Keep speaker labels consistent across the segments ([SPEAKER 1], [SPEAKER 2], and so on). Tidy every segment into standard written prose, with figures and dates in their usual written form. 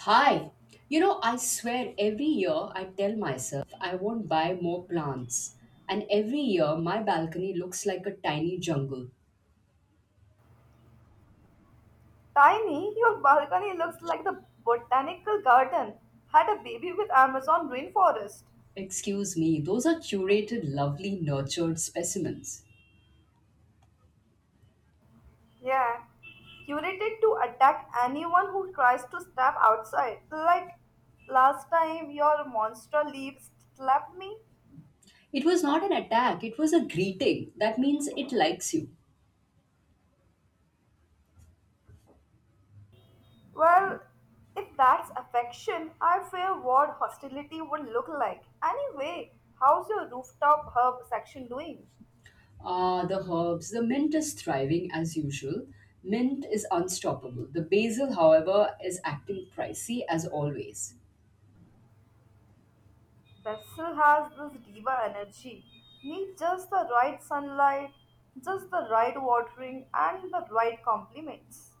[SPEAKER 1] Hi! You know, I swear every year I tell myself I won't buy more plants. And every year my balcony looks like a tiny jungle.
[SPEAKER 2] Tiny, your balcony looks like the botanical garden had a baby with Amazon rainforest.
[SPEAKER 1] Excuse me, those are curated, lovely, nurtured specimens.
[SPEAKER 2] Yeah, curated to attack anyone who tries to step outside. Like last time your monster leaves slapped me.
[SPEAKER 1] It was not an attack, it was a greeting. That means it likes you.
[SPEAKER 2] Well, if that's affection, I fear what hostility would look like. Anyway, how's your rooftop herb section doing?
[SPEAKER 1] Ah, the herbs. The mint is thriving as usual. Mint is unstoppable. The basil, however, is acting pricey as always.
[SPEAKER 2] Bessel has this diva energy. Need just the right sunlight, just the right watering, and the right compliments.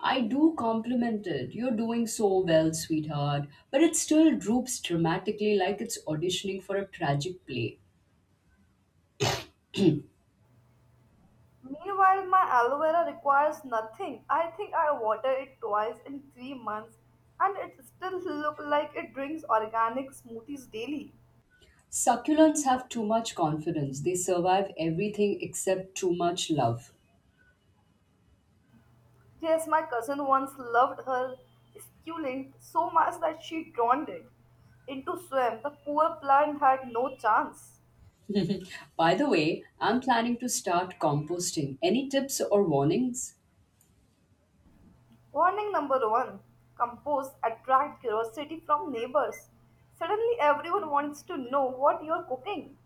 [SPEAKER 1] I do compliment it. You're doing so well, sweetheart. But it still droops dramatically like it's auditioning for a tragic play.
[SPEAKER 2] Meanwhile, my aloe vera requires nothing. I think I water it twice in 3 months, and it still look like it drinks organic smoothies daily.
[SPEAKER 1] Succulents have too much confidence. They survive everything except too much love.
[SPEAKER 2] Yes, my cousin once loved her succulent so much that she drowned it into swim. The poor plant had no chance.
[SPEAKER 1] By the way, I'm planning to start composting. Any tips or warnings?
[SPEAKER 2] Warning number one. Compose attract curiosity from neighbors. Suddenly, everyone wants to know what you're cooking.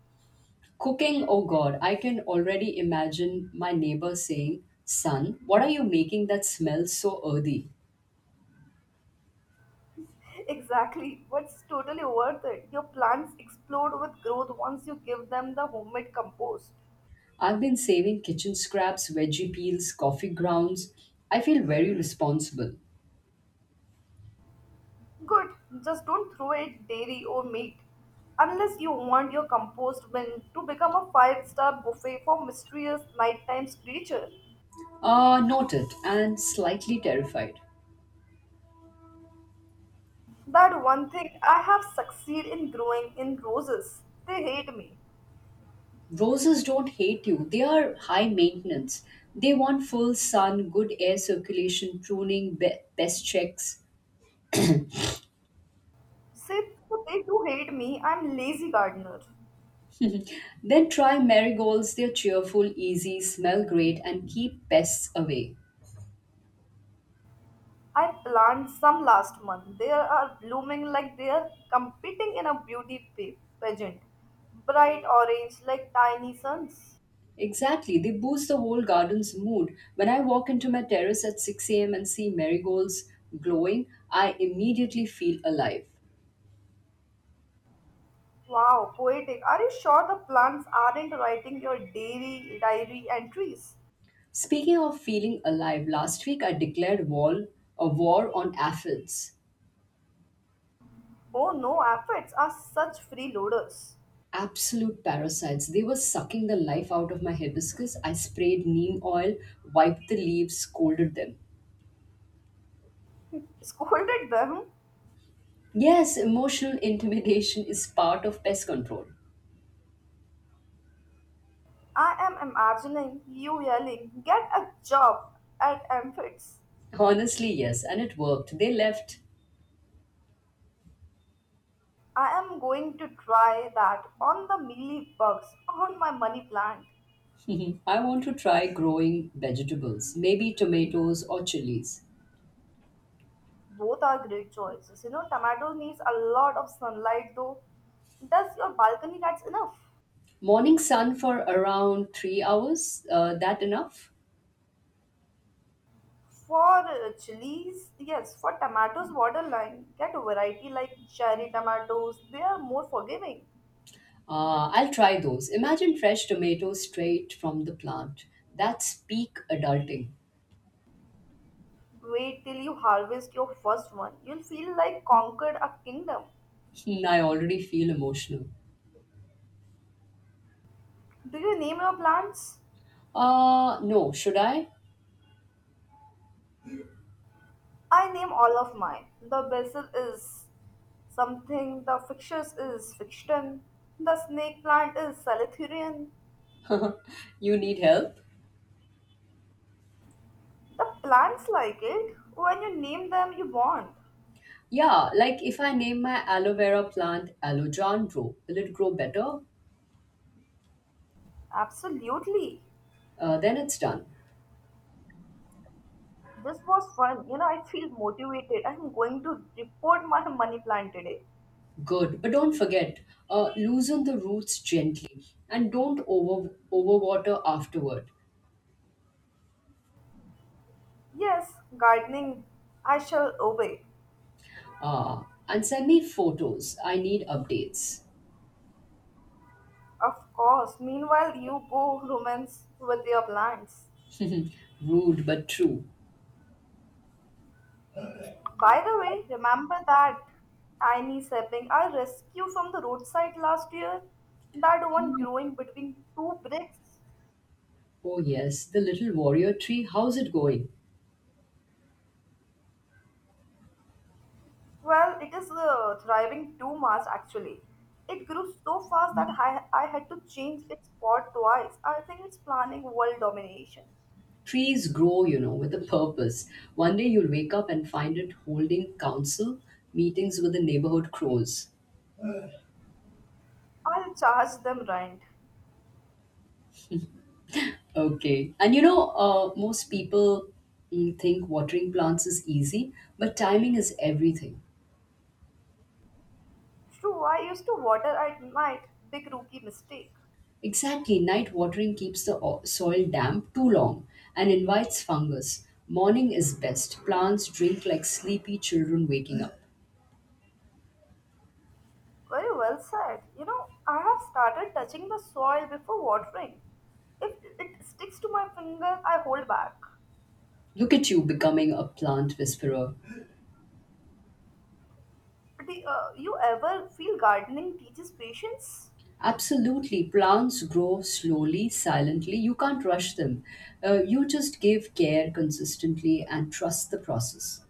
[SPEAKER 1] Cooking, oh god, I can already imagine my neighbor saying, "Son, what are you making that smells so earthy?"
[SPEAKER 2] Exactly, what's totally worth it. Your plants explode with growth once you give them the homemade compost.
[SPEAKER 1] I've been saving kitchen scraps, veggie peels, coffee grounds. I feel very responsible.
[SPEAKER 2] Good, just don't throw it dairy or meat. Unless you want your compost bin to become a five-star buffet for mysterious nighttime creature.
[SPEAKER 1] Noted and slightly terrified.
[SPEAKER 2] That one thing I have succeeded in growing in roses. They hate me.
[SPEAKER 1] Roses don't hate you, they are high maintenance. They want full sun, good air circulation, pruning, pest checks.
[SPEAKER 2] See, they do hate me. I'm lazy gardener.
[SPEAKER 1] Then try marigolds, they're cheerful, easy, smell great, and keep pests away.
[SPEAKER 2] I planted some last month. They are blooming like they are competing in a beauty pageant. Bright orange like tiny suns.
[SPEAKER 1] Exactly, they boost the whole garden's mood. When I walk into my terrace at 6 a.m. and see marigolds glowing, I immediately feel alive.
[SPEAKER 2] Wow, poetic. Are you sure the plants aren't writing your dairy diary entries?
[SPEAKER 1] Speaking of feeling alive, last week I declared war, a war on aphids.
[SPEAKER 2] Oh no, aphids are such freeloaders.
[SPEAKER 1] Absolute parasites. They were sucking the life out of my hibiscus. I sprayed neem oil, wiped the leaves, scolded them.
[SPEAKER 2] Scolded them.
[SPEAKER 1] Yes, emotional intimidation is part of pest control.
[SPEAKER 2] I am imagining you yelling, get a job at Amphits.
[SPEAKER 1] Honestly, yes, and it worked. They left.
[SPEAKER 2] I am going to try that on the mealy bugs on my money plant.
[SPEAKER 1] Mhm. I want to try growing vegetables, maybe tomatoes or chilies.
[SPEAKER 2] Both are great choices. You know, tomato needs a lot of sunlight though. Does your balcony that's enough?
[SPEAKER 1] Morning sun for around 3 hours, that enough?
[SPEAKER 2] For chilies, yes. For tomatoes, borderline. Get a variety like cherry tomatoes. They are more forgiving.
[SPEAKER 1] I'll try those. Imagine fresh tomatoes straight from the plant. That's peak adulting.
[SPEAKER 2] Wait till you harvest your first one. You'll feel like conquered a kingdom.
[SPEAKER 1] Hmm, I already feel emotional.
[SPEAKER 2] Do you name your plants?
[SPEAKER 1] No, should I?
[SPEAKER 2] I name all of mine. The basil is something, the fictitious is fiction, the snake plant is salithurian.
[SPEAKER 1] You need help?
[SPEAKER 2] The plants like it. When you name them, you bond.
[SPEAKER 1] Yeah, like if I name my aloe vera plant Alojandro, will it grow better?
[SPEAKER 2] Absolutely.
[SPEAKER 1] Then it's done.
[SPEAKER 2] This was fun. You know, I feel motivated. I'm going to report my money plant today.
[SPEAKER 1] Good, but don't forget, loosen the roots gently and don't overwater afterward.
[SPEAKER 2] Yes, gardening. I shall obey.
[SPEAKER 1] And send me photos. I need updates.
[SPEAKER 2] Of course. Meanwhile, you go romance with your plants.
[SPEAKER 1] Rude but true.
[SPEAKER 2] By the way, remember that tiny sapling I rescued from the roadside last year? That one growing between two bricks?
[SPEAKER 1] Oh yes, the little warrior tree. How's it going?
[SPEAKER 2] Well, it is thriving too much actually. It grew so fast that I had to change its pot twice. I think it's planning world domination.
[SPEAKER 1] Trees grow, you know, with a purpose. One day you'll wake up and find it holding council meetings with the neighborhood crows.
[SPEAKER 2] I'll charge them rent.
[SPEAKER 1] Okay, and you know, most people think watering plants is easy, but timing is everything.
[SPEAKER 2] True, I used to water at night. Big rookie mistake.
[SPEAKER 1] Exactly, night watering keeps the soil damp too long and invites fungus. Morning is best. Plants drink like sleepy children waking up.
[SPEAKER 2] Very well said. You know, I have started touching the soil before watering. If it sticks to my finger, I hold back.
[SPEAKER 1] Look at you becoming a plant whisperer.
[SPEAKER 2] Do you ever feel gardening teaches patience?
[SPEAKER 1] Absolutely, plants grow slowly, silently. You can't rush them. You just give care consistently and trust the process.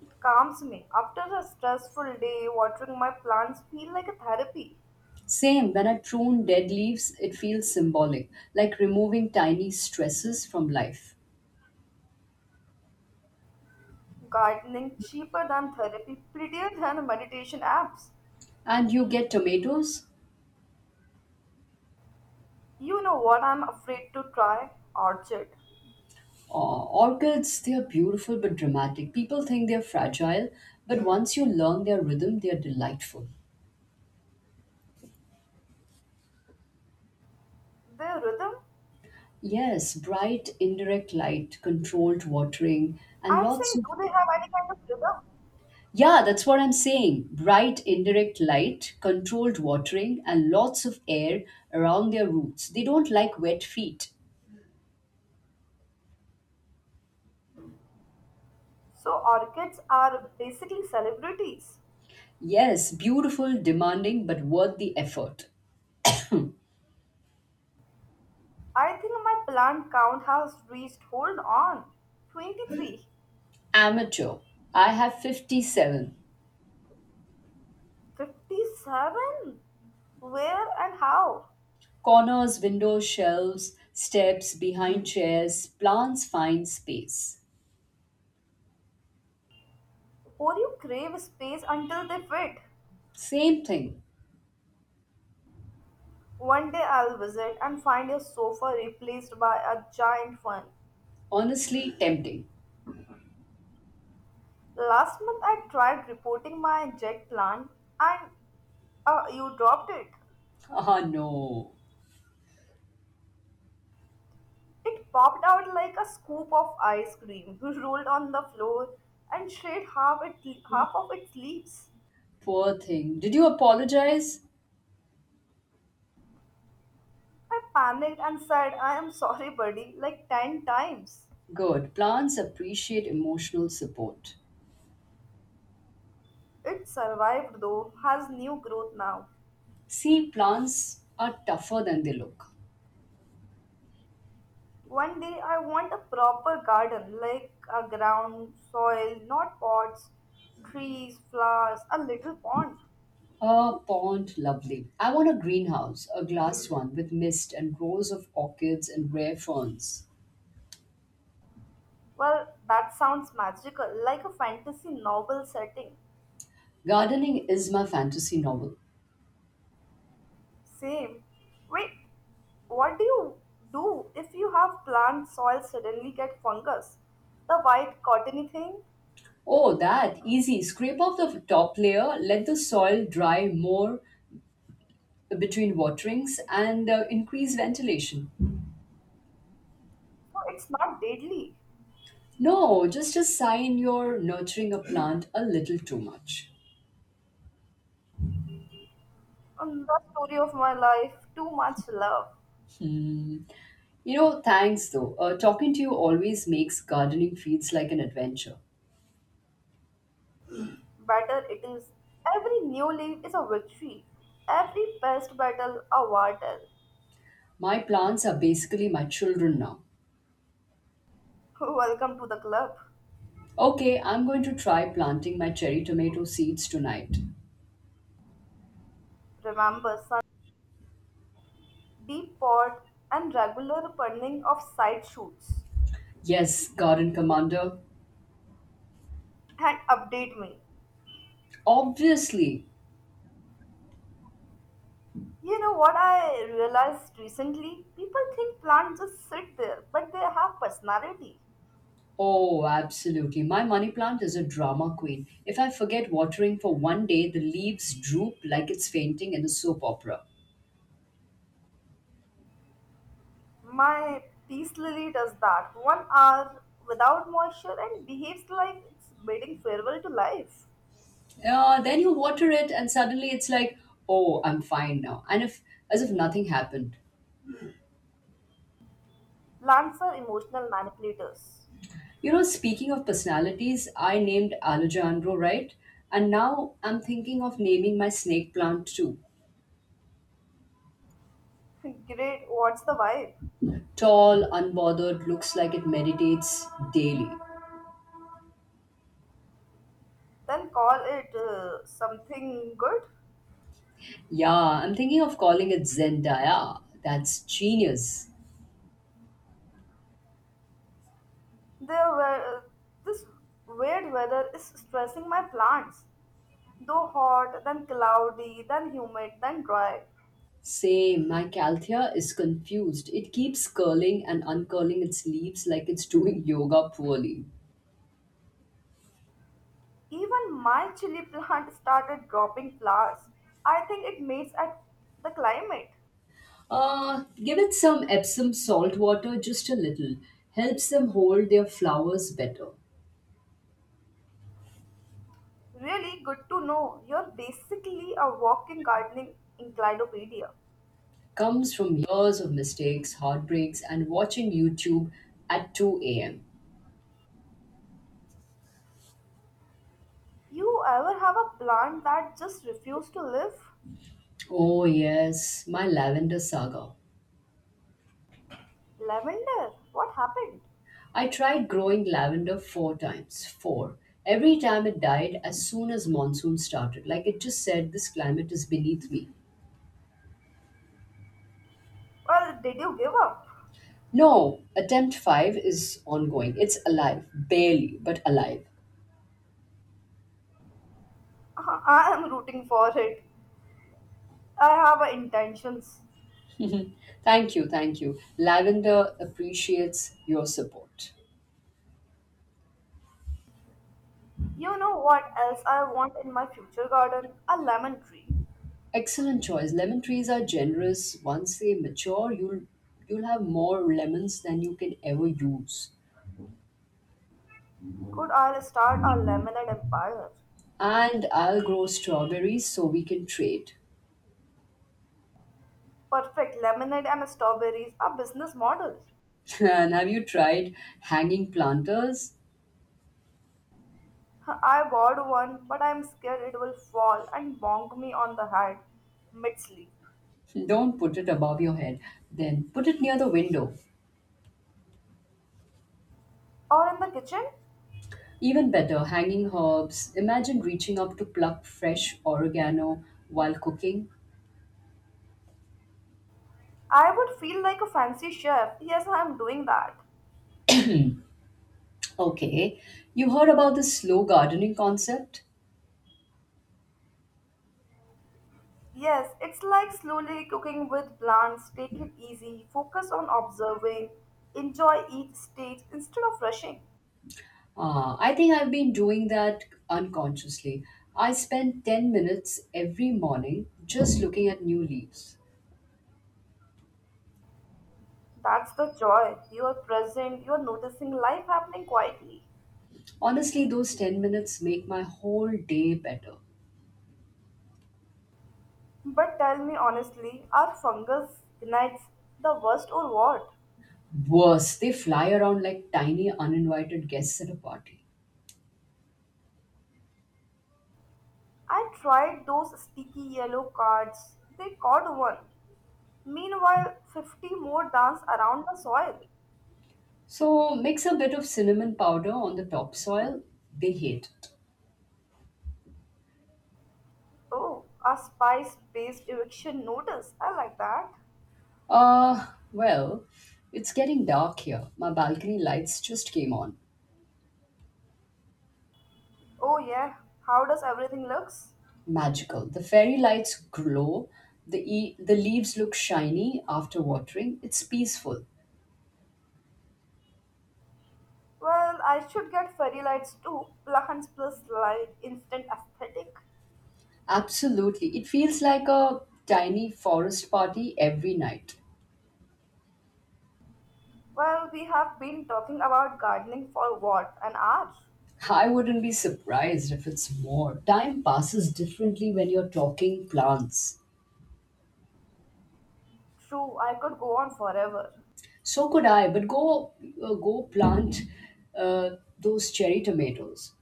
[SPEAKER 2] It calms me. After a stressful day, watering my plants feel like a therapy.
[SPEAKER 1] Same, when I prune dead leaves, it feels symbolic, like removing tiny stresses from life.
[SPEAKER 2] Gardening cheaper than therapy, prettier than meditation apps.
[SPEAKER 1] And you get tomatoes?
[SPEAKER 2] You know what I'm afraid to try? Orchid.
[SPEAKER 1] Orchids, they are beautiful but dramatic. People think they're fragile, but once you learn their rhythm, they're delightful.
[SPEAKER 2] The rhythm?
[SPEAKER 1] Yes, bright indirect light, controlled watering, and
[SPEAKER 2] I'm
[SPEAKER 1] lots
[SPEAKER 2] saying,
[SPEAKER 1] of.
[SPEAKER 2] do they have any kind of rhythm?
[SPEAKER 1] Yeah, that's what I'm saying. Bright indirect light, controlled watering, and lots of air around their roots. They don't like wet feet.
[SPEAKER 2] So orchids are basically celebrities.
[SPEAKER 1] Yes, beautiful, demanding, but worth the effort.
[SPEAKER 2] I think my plant count has reached, hold on, 23,
[SPEAKER 1] Amateur. I have 57.
[SPEAKER 2] 57. Where and how?
[SPEAKER 1] Corners, windows, shelves, steps, behind chairs, plants find space.
[SPEAKER 2] Or you crave space until they fit.
[SPEAKER 1] Same thing.
[SPEAKER 2] One day I'll visit and find your sofa replaced by a giant one.
[SPEAKER 1] Honestly tempting.
[SPEAKER 2] Last month I tried reporting my jet plant and you dropped it.
[SPEAKER 1] Ah, no.
[SPEAKER 2] It popped out like a scoop of ice cream, rolled on the floor, and shed half of its leaves.
[SPEAKER 1] Poor thing. Did you apologize?
[SPEAKER 2] I panicked and said, I am sorry, buddy, like 10 times.
[SPEAKER 1] Good. Plants appreciate emotional support.
[SPEAKER 2] It survived though, has new growth now.
[SPEAKER 1] See, plants are tougher than they look.
[SPEAKER 2] One day I want a proper garden, like a ground, soil, not pots, trees, flowers, a little pond.
[SPEAKER 1] A pond, lovely. I want a greenhouse, a glass one with mist and rows of orchids and rare ferns.
[SPEAKER 2] Well, that sounds magical, like a fantasy novel setting.
[SPEAKER 1] Gardening is my fantasy novel.
[SPEAKER 2] Same. Wait, what do if you have plant soil suddenly get fungus? The white cottony thing?
[SPEAKER 1] Oh, that easy. Scrape off the top layer, let the soil dry more between waterings, and increase ventilation.
[SPEAKER 2] No, it's not deadly.
[SPEAKER 1] No, just a sign you're nurturing a plant a little too much.
[SPEAKER 2] The story of my life, too much love.
[SPEAKER 1] You know, thanks though. Talking to you always makes gardening feels like an adventure.
[SPEAKER 2] Better it is. Every new leaf is a victory. Every pest battle a war tale.
[SPEAKER 1] My plants are basically my children now.
[SPEAKER 2] Welcome to the club.
[SPEAKER 1] Okay, I'm going to try planting my cherry tomato seeds tonight.
[SPEAKER 2] Remember, sun, deep pot and regular pruning of side shoots.
[SPEAKER 1] Yes, garden commander.
[SPEAKER 2] And update me.
[SPEAKER 1] Obviously.
[SPEAKER 2] You know what I realized recently? People think plants just sit there, but they have personality.
[SPEAKER 1] Oh, absolutely. My money plant is a drama queen. If I forget watering for one day, the leaves droop like it's fainting in a soap opera.
[SPEAKER 2] My peace lily does that. 1 hour without moisture and behaves like it's bidding farewell to life.
[SPEAKER 1] Yeah, then you water it, and suddenly it's like, oh, I'm fine now. And if, as if nothing happened.
[SPEAKER 2] Plants are emotional manipulators.
[SPEAKER 1] You know, speaking of personalities, I named Alejandro, right? And now I'm thinking of naming my snake plant too.
[SPEAKER 2] Great, what's the vibe?
[SPEAKER 1] Tall, unbothered, looks like it meditates daily.
[SPEAKER 2] Then call it something good.
[SPEAKER 1] Yeah, I'm thinking of calling it Zendaya. That's genius.
[SPEAKER 2] There were this weird weather is stressing my plants. Though hot, then cloudy, then humid, then dry.
[SPEAKER 1] Same, my calthea is confused. It keeps curling and uncurling its leaves like it's doing yoga poorly.
[SPEAKER 2] Even my chili plant started dropping flowers. I think it mates at the climate.
[SPEAKER 1] Give it some Epsom salt water, just a little. Helps them hold their flowers better.
[SPEAKER 2] Really good to know. You're basically a walking gardening encyclopedia.
[SPEAKER 1] Comes from years of mistakes, heartbreaks, and watching YouTube at 2 a.m.
[SPEAKER 2] You ever have a plant that just refused to live?
[SPEAKER 1] Oh, yes, my lavender saga.
[SPEAKER 2] Lavender, what happened?
[SPEAKER 1] I tried growing lavender four times, four. Every time it died as soon as monsoon started, like it just said, this climate is beneath me.
[SPEAKER 2] Well, did you give up?
[SPEAKER 1] No, attempt five is ongoing. It's alive, barely, but alive.
[SPEAKER 2] I am rooting for it. I have intentions.
[SPEAKER 1] Mhm. Thank you, thank you. Lavender appreciates your support.
[SPEAKER 2] You know what else I want in my future garden? A lemon tree.
[SPEAKER 1] Excellent choice. Lemon trees are generous. Once they mature, you'll have more lemons than you can ever use.
[SPEAKER 2] Could I start a lemonade empire?
[SPEAKER 1] And I'll grow strawberries so we can trade.
[SPEAKER 2] Perfect. Lemonade and strawberries are business models.
[SPEAKER 1] And have you tried hanging planters?
[SPEAKER 2] I bought one, but I'm scared it will fall and bonk me on the head mid sleep.
[SPEAKER 1] Don't put it above your head, then put it near the window.
[SPEAKER 2] Or in the kitchen,
[SPEAKER 1] Even better, hanging herbs. Imagine reaching up to pluck fresh oregano while cooking.
[SPEAKER 2] I would feel like a fancy chef. Yes, I'm doing that.
[SPEAKER 1] Okay, you heard about this slow gardening concept?
[SPEAKER 2] Yes, it's like slowly cooking with plants. Take it easy, focus on observing, enjoy each stage instead of rushing.
[SPEAKER 1] Ah, I think I've been doing that unconsciously. I spend 10 minutes every morning just looking at new leaves.
[SPEAKER 2] That's the joy. You're present, you're noticing life happening quietly.
[SPEAKER 1] Honestly, those 10 minutes make my whole day better.
[SPEAKER 2] But tell me honestly, are fungus gnags the worst or what?
[SPEAKER 1] Worse, they fly around like tiny uninvited guests at a party.
[SPEAKER 2] I tried those sticky yellow cards. They caught one. Meanwhile, 50 more dance around the soil.
[SPEAKER 1] So mix a bit of cinnamon powder on the topsoil. They hate it.
[SPEAKER 2] Oh, a spice-based eviction notice. I like that.
[SPEAKER 1] Uh, well, it's getting dark here. My balcony lights just came on.
[SPEAKER 2] Oh yeah, how does everything looks?
[SPEAKER 1] Magical. The fairy lights glow. The leaves look shiny after watering. It's peaceful.
[SPEAKER 2] Well, I should get fairy lights too. Plants plus light, instant aesthetic.
[SPEAKER 1] Absolutely. It feels like a tiny forest party every night.
[SPEAKER 2] Well, we have been talking about gardening for what, an hour?
[SPEAKER 1] I wouldn't be surprised if it's more. Time passes differently when you're talking plants.
[SPEAKER 2] True, I could go on forever.
[SPEAKER 1] So could I, but go go plant uh, those cherry tomatoes.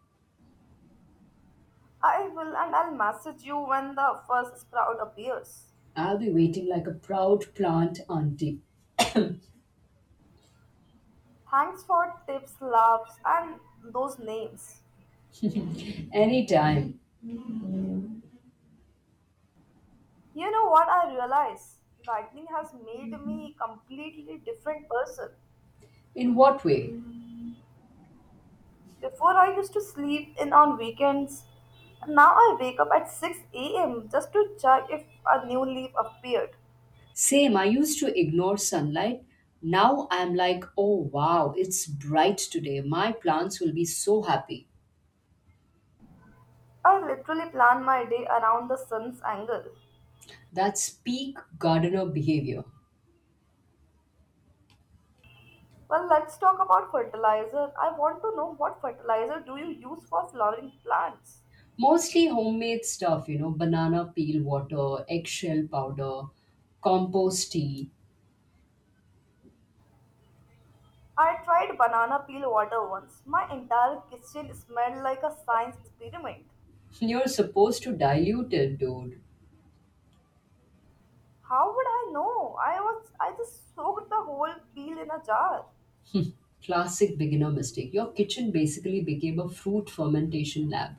[SPEAKER 2] I will, and I'll message you when the first sprout appears.
[SPEAKER 1] I'll be waiting like a proud plant auntie.
[SPEAKER 2] Thanks for tips, laughs, and those names.
[SPEAKER 1] Anytime.
[SPEAKER 2] You know what I realize? Gardening has made me a completely different person.
[SPEAKER 1] In what way?
[SPEAKER 2] Before I used to sleep in on weekends. Now I wake up at 6 a.m. just to check if a new leaf appeared.
[SPEAKER 1] Same, I used to ignore sunlight. Now I'm like, oh wow, it's bright today. My plants will be so happy.
[SPEAKER 2] I literally plan my day around the sun's angle.
[SPEAKER 1] That's peak gardener behavior.
[SPEAKER 2] Well, let's talk about fertilizer. I want to know what fertilizer do you use for flowering plants?
[SPEAKER 1] Mostly homemade stuff, you know, banana peel water, eggshell powder, compost tea.
[SPEAKER 2] I tried banana peel water once. My entire kitchen smelled like a science experiment.
[SPEAKER 1] You're supposed to dilute it, dude.
[SPEAKER 2] How would I know? I just soaked the whole peel in a jar.
[SPEAKER 1] Classic beginner mistake. Your kitchen basically became a fruit fermentation lab.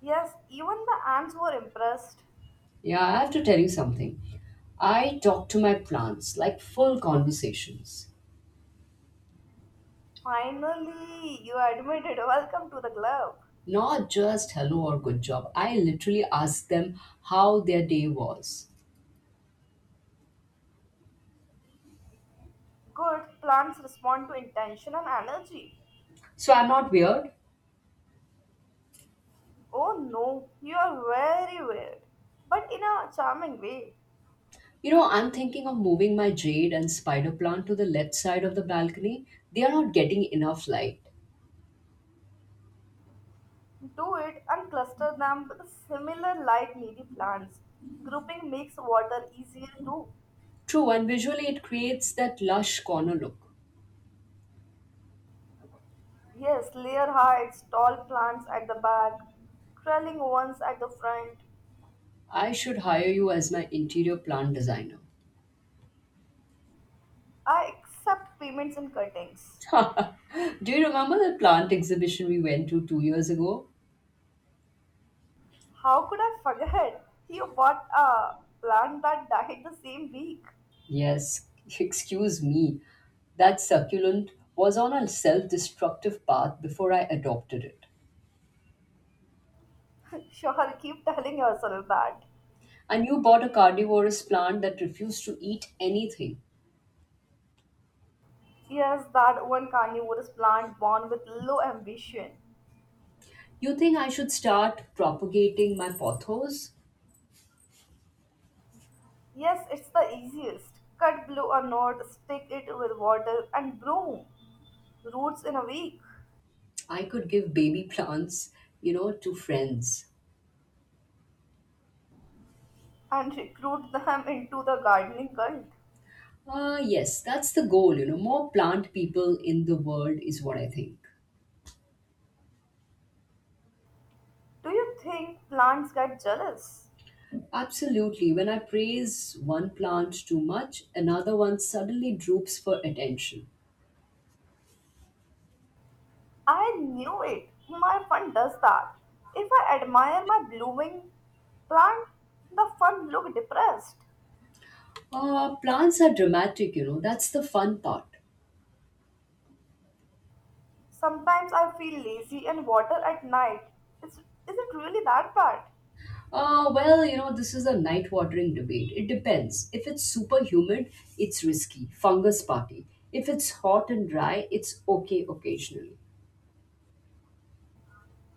[SPEAKER 2] Yes, even the ants were impressed.
[SPEAKER 1] Yeah, I have to tell you something. I talk to my plants like full conversations.
[SPEAKER 2] Finally, you admitted. Welcome to the club.
[SPEAKER 1] Not just hello or good job. I literally ask them how their day was.
[SPEAKER 2] Good plants respond to intention and energy.
[SPEAKER 1] So I'm not weird.
[SPEAKER 2] Oh no, you are very weird, but in a charming way.
[SPEAKER 1] You know, I'm thinking of moving my jade and spider plant to the left side of the balcony. They are not getting enough light.
[SPEAKER 2] Do it and cluster them with similar light needy plants. Grouping makes water easier too.
[SPEAKER 1] True, and visually it creates that lush corner look.
[SPEAKER 2] Yes, layer heights, tall plants at the back, trailing ones at the front.
[SPEAKER 1] I should hire you as my interior plant designer.
[SPEAKER 2] I accept payments in cuttings.
[SPEAKER 1] Do you remember the plant exhibition we went to 2 years ago?
[SPEAKER 2] How could I forget? You bought a plant that died the same week.
[SPEAKER 1] Yes, excuse me. That succulent was on a self destructive path before I adopted it.
[SPEAKER 2] Sure, keep telling yourself that.
[SPEAKER 1] And you bought a carnivorous plant that refused to eat anything.
[SPEAKER 2] Yes, that one carnivorous plant born with low ambition.
[SPEAKER 1] You think I should start propagating my pothos?
[SPEAKER 2] Yes, it's the easiest. Cut blow a knot, stick it with water, and bloom roots in a week
[SPEAKER 1] I could give baby plants, you know, to friends.
[SPEAKER 2] and recruit them into the gardening cult.
[SPEAKER 1] Yes, that's the goal, you know. More plant people in the world is what I think.
[SPEAKER 2] Do you think plants get jealous?
[SPEAKER 1] Absolutely. When I praise one plant too much, another one suddenly droops for attention.
[SPEAKER 2] I knew it. My fun does that. If I admire my blooming plant, the fun look depressed.
[SPEAKER 1] Plants are dramatic, you know. That's the fun part.
[SPEAKER 2] Sometimes I feel lazy and water at night. Is it really that bad?
[SPEAKER 1] Well, you know, this is a night watering debate. It depends. If it's super humid, it's risky. Fungus party. If it's hot and dry, it's okay occasionally.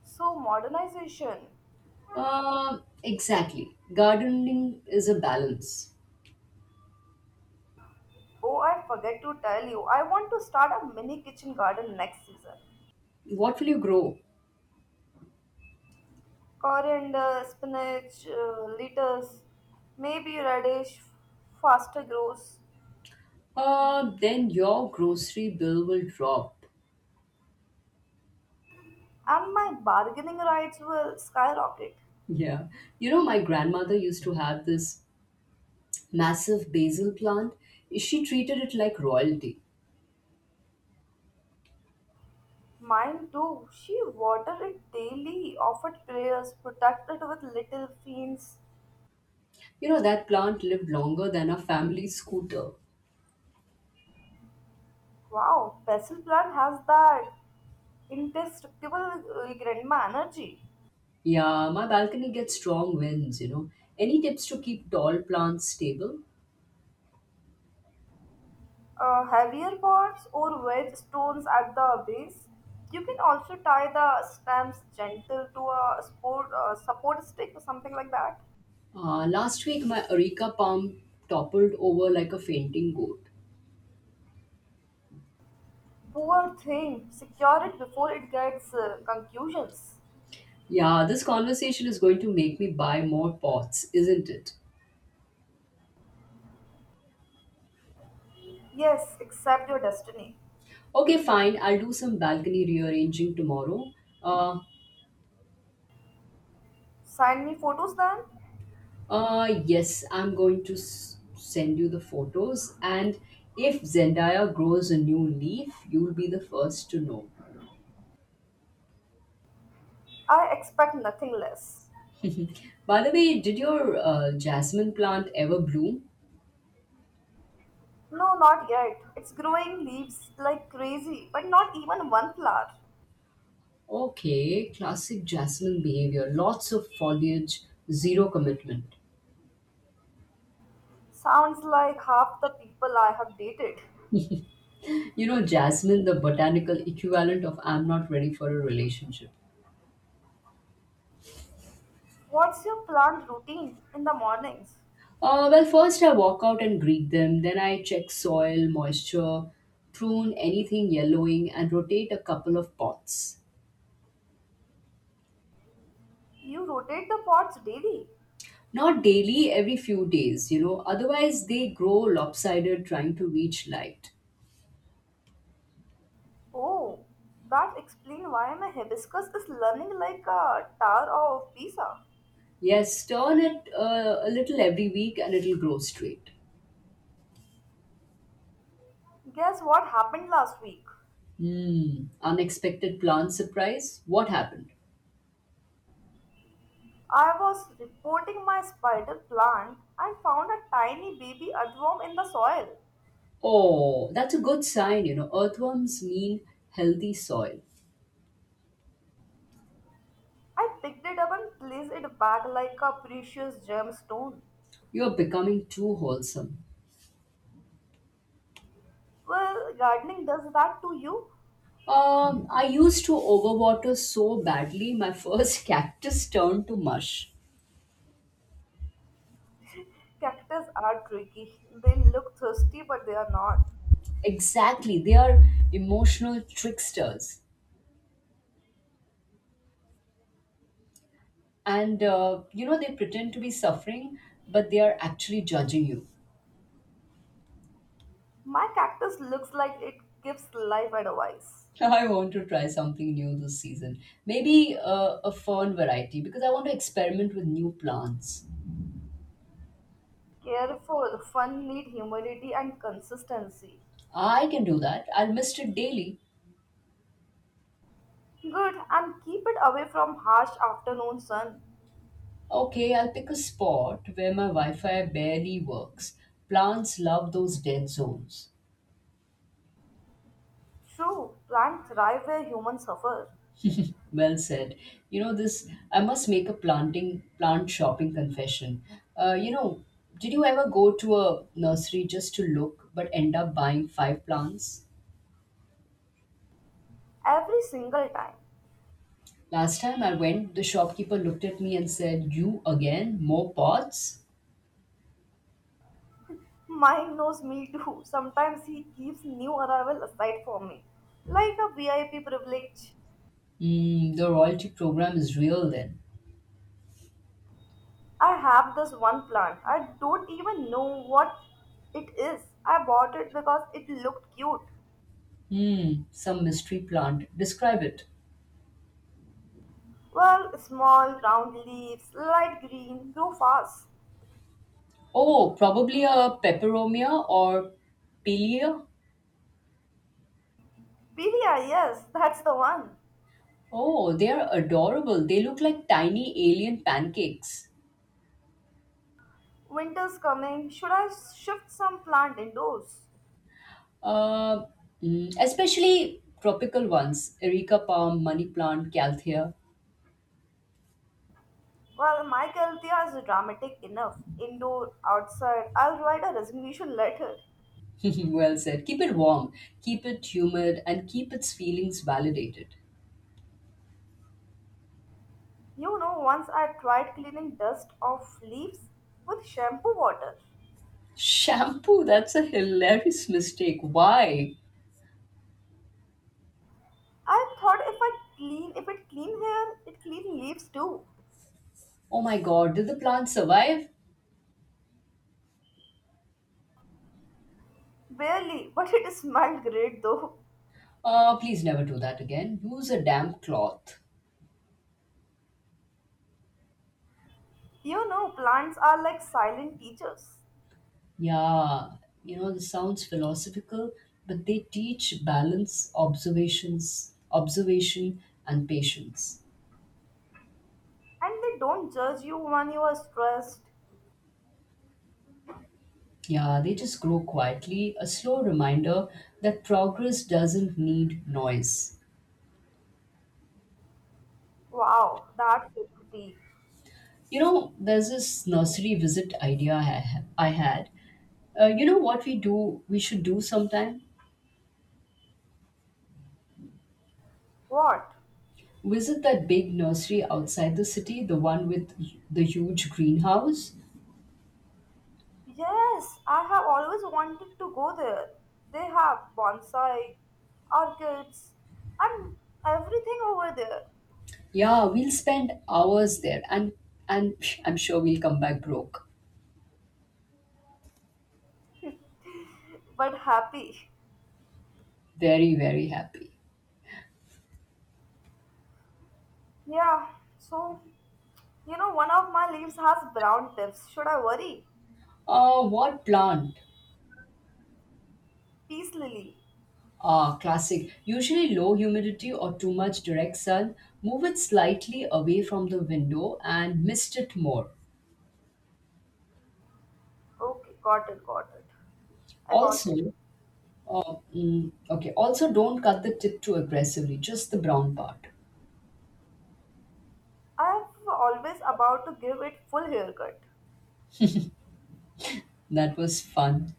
[SPEAKER 2] So modernization.
[SPEAKER 1] Exactly. Gardening is a balance.
[SPEAKER 2] Oh, I forget to tell you, I want to start a mini kitchen garden next season.
[SPEAKER 1] What will you grow?
[SPEAKER 2] Coriander, spinach, lettuce, maybe radish, faster grows,
[SPEAKER 1] Then your grocery bill will drop.
[SPEAKER 2] and my bargaining rights will skyrocket.
[SPEAKER 1] Yeah. You know, my grandmother used to have this massive basil plant. She treated it like royalty.
[SPEAKER 2] Mine too. She watered it daily, offered prayers, protected with little fiends.
[SPEAKER 1] You know, that plant lived longer than a family scooter.
[SPEAKER 2] Wow, basil plant has that indestructible grandma energy.
[SPEAKER 1] Yeah, my balcony gets strong winds, you know. Any tips to keep tall plants stable?
[SPEAKER 2] Heavier pots or wedge stones at the base. You can also tie the stamps gentle to a support, support stick or something like that.
[SPEAKER 1] Last week, my areca palm toppled over like a fainting goat.
[SPEAKER 2] Poor thing, secure it before it gets concussions.
[SPEAKER 1] Yeah, this conversation is going to make me buy more pots, isn't it?
[SPEAKER 2] Yes, accept your destiny.
[SPEAKER 1] Okay, fine. I'll do some balcony rearranging tomorrow. Uh,
[SPEAKER 2] Sign me photos then.
[SPEAKER 1] yes, I'm going to send you the photos. And if Zendaya grows a new leaf, you'll be the first to know.
[SPEAKER 2] I expect nothing less.
[SPEAKER 1] By the way, did your jasmine plant ever bloom?
[SPEAKER 2] No, not yet. It's growing leaves like crazy, but not even one flower.
[SPEAKER 1] Okay, classic jasmine behavior. Lots of foliage, zero commitment.
[SPEAKER 2] Sounds like half the people I have dated.
[SPEAKER 1] You know, jasmine, the botanical equivalent of I'm not ready for a relationship.
[SPEAKER 2] What's your plant routine in the mornings?
[SPEAKER 1] Well, first I walk out and greet them, then I check soil, moisture, prune anything yellowing, and rotate a couple of pots.
[SPEAKER 2] You rotate the pots daily.
[SPEAKER 1] Not daily, every few days, you know, otherwise they grow lopsided trying to reach light.
[SPEAKER 2] Oh, that explains why my hibiscus is learning like a tower of Pisa.
[SPEAKER 1] Yes, turn it a little every week and it'll grow straight.
[SPEAKER 2] Guess what happened last week?
[SPEAKER 1] Hmm. Unexpected plant surprise? What happened?
[SPEAKER 2] I was reporting my spider plant and found a tiny baby earthworm in the soil.
[SPEAKER 1] Oh, that's a good sign, you know. Earthworms mean healthy soil.
[SPEAKER 2] I picked it up and placed it back like a precious gemstone.
[SPEAKER 1] You're becoming too wholesome.
[SPEAKER 2] Well, gardening does that to you.
[SPEAKER 1] I used to overwater so badly, my first cactus turned to mush.
[SPEAKER 2] Cactus are tricky. They look thirsty, but they are not.
[SPEAKER 1] Exactly, they are emotional tricksters. And, you know, they pretend to be suffering, but they are actually judging you.
[SPEAKER 2] My cactus looks like it gives life advice.
[SPEAKER 1] I want to try something new this season. Maybe a fern variety because I want to experiment with new plants.
[SPEAKER 2] Careful, fun need humidity and consistency.
[SPEAKER 1] I can do that. I'll mist it daily.
[SPEAKER 2] Good, and keep it away from harsh afternoon sun.
[SPEAKER 1] Okay, I'll pick a spot where my Wi Fi barely works. Plants love those dead zones.
[SPEAKER 2] True, plants thrive where humans suffer.
[SPEAKER 1] Well said. You know this. I must make a plant shopping confession. You know, did you ever go to a nursery just to look but end up buying five plants?
[SPEAKER 2] Every single time.
[SPEAKER 1] Last time I went, the shopkeeper looked at me and said, "You again? More pots?"
[SPEAKER 2] Mine knows me too. Sometimes he keeps new arrival aside for me. Like a VIP privilege.
[SPEAKER 1] Hmm, the royalty program is real then.
[SPEAKER 2] I have this one plant. I don't even know what it is. I bought it because it looked cute.
[SPEAKER 1] Hmm, some mystery plant. Describe it.
[SPEAKER 2] Well, small, round leaves, light green, grow fast.
[SPEAKER 1] Oh, probably a peperomia or pilia.
[SPEAKER 2] Beria, yes, that's the one.
[SPEAKER 1] Oh, they are adorable. They look like tiny alien pancakes.
[SPEAKER 2] Winter's coming. Should I shift some plant indoors?
[SPEAKER 1] Uh, Especially tropical ones. Erica palm, money plant, calthea.
[SPEAKER 2] Well, my Althea is dramatic enough. Indoor, outside, I'll write a resignation letter.
[SPEAKER 1] Well said. Keep it warm, keep it humid, and keep its feelings validated.
[SPEAKER 2] You know, once I tried cleaning dust off leaves with shampoo water.
[SPEAKER 1] Shampoo, that's a hilarious mistake. Why?
[SPEAKER 2] I thought if it clean hair, it clean leaves too.
[SPEAKER 1] Oh my god, did the plant survive?
[SPEAKER 2] Barely, but it smelled great though.
[SPEAKER 1] Please never do that again. Use a damp cloth.
[SPEAKER 2] You know, plants are like silent teachers
[SPEAKER 1] Yeah, you know, this sounds philosophical, but they teach balance, observation, and patience.
[SPEAKER 2] and they don't judge you when you are stressed.
[SPEAKER 1] Yeah, they just grow quietly, a slow reminder that progress doesn't need noise.
[SPEAKER 2] Wow, that's pretty.
[SPEAKER 1] You know, there's this nursery visit idea I had. You know what we do? We should do sometime.
[SPEAKER 2] What?
[SPEAKER 1] Visit that big nursery outside the city, the one with the huge greenhouse.
[SPEAKER 2] Yes, I have always wanted to go there. They have bonsai, orchids, and everything over there.
[SPEAKER 1] Yeah, we'll spend hours there, and I'm sure we'll come back broke,
[SPEAKER 2] But happy.
[SPEAKER 1] very very happy.
[SPEAKER 2] Yeah, so you know, one of my leaves has brown tips. Should I worry?
[SPEAKER 1] What plant?
[SPEAKER 2] Peace lily.
[SPEAKER 1] Ah, classic. Usually low humidity or too much direct sun. Move it slightly away from the window and mist it more.
[SPEAKER 2] Okay, got it, got it. I got it.
[SPEAKER 1] Also, Oh, okay. Also, don't cut the tip too aggressively, just the brown part.
[SPEAKER 2] I'm always about to give it full haircut.
[SPEAKER 1] That was fun.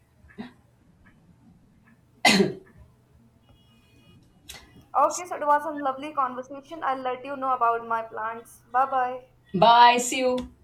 [SPEAKER 2] Okay, so it was a lovely conversation. I'll let you know about my plans. Bye bye.
[SPEAKER 1] Bye. See you.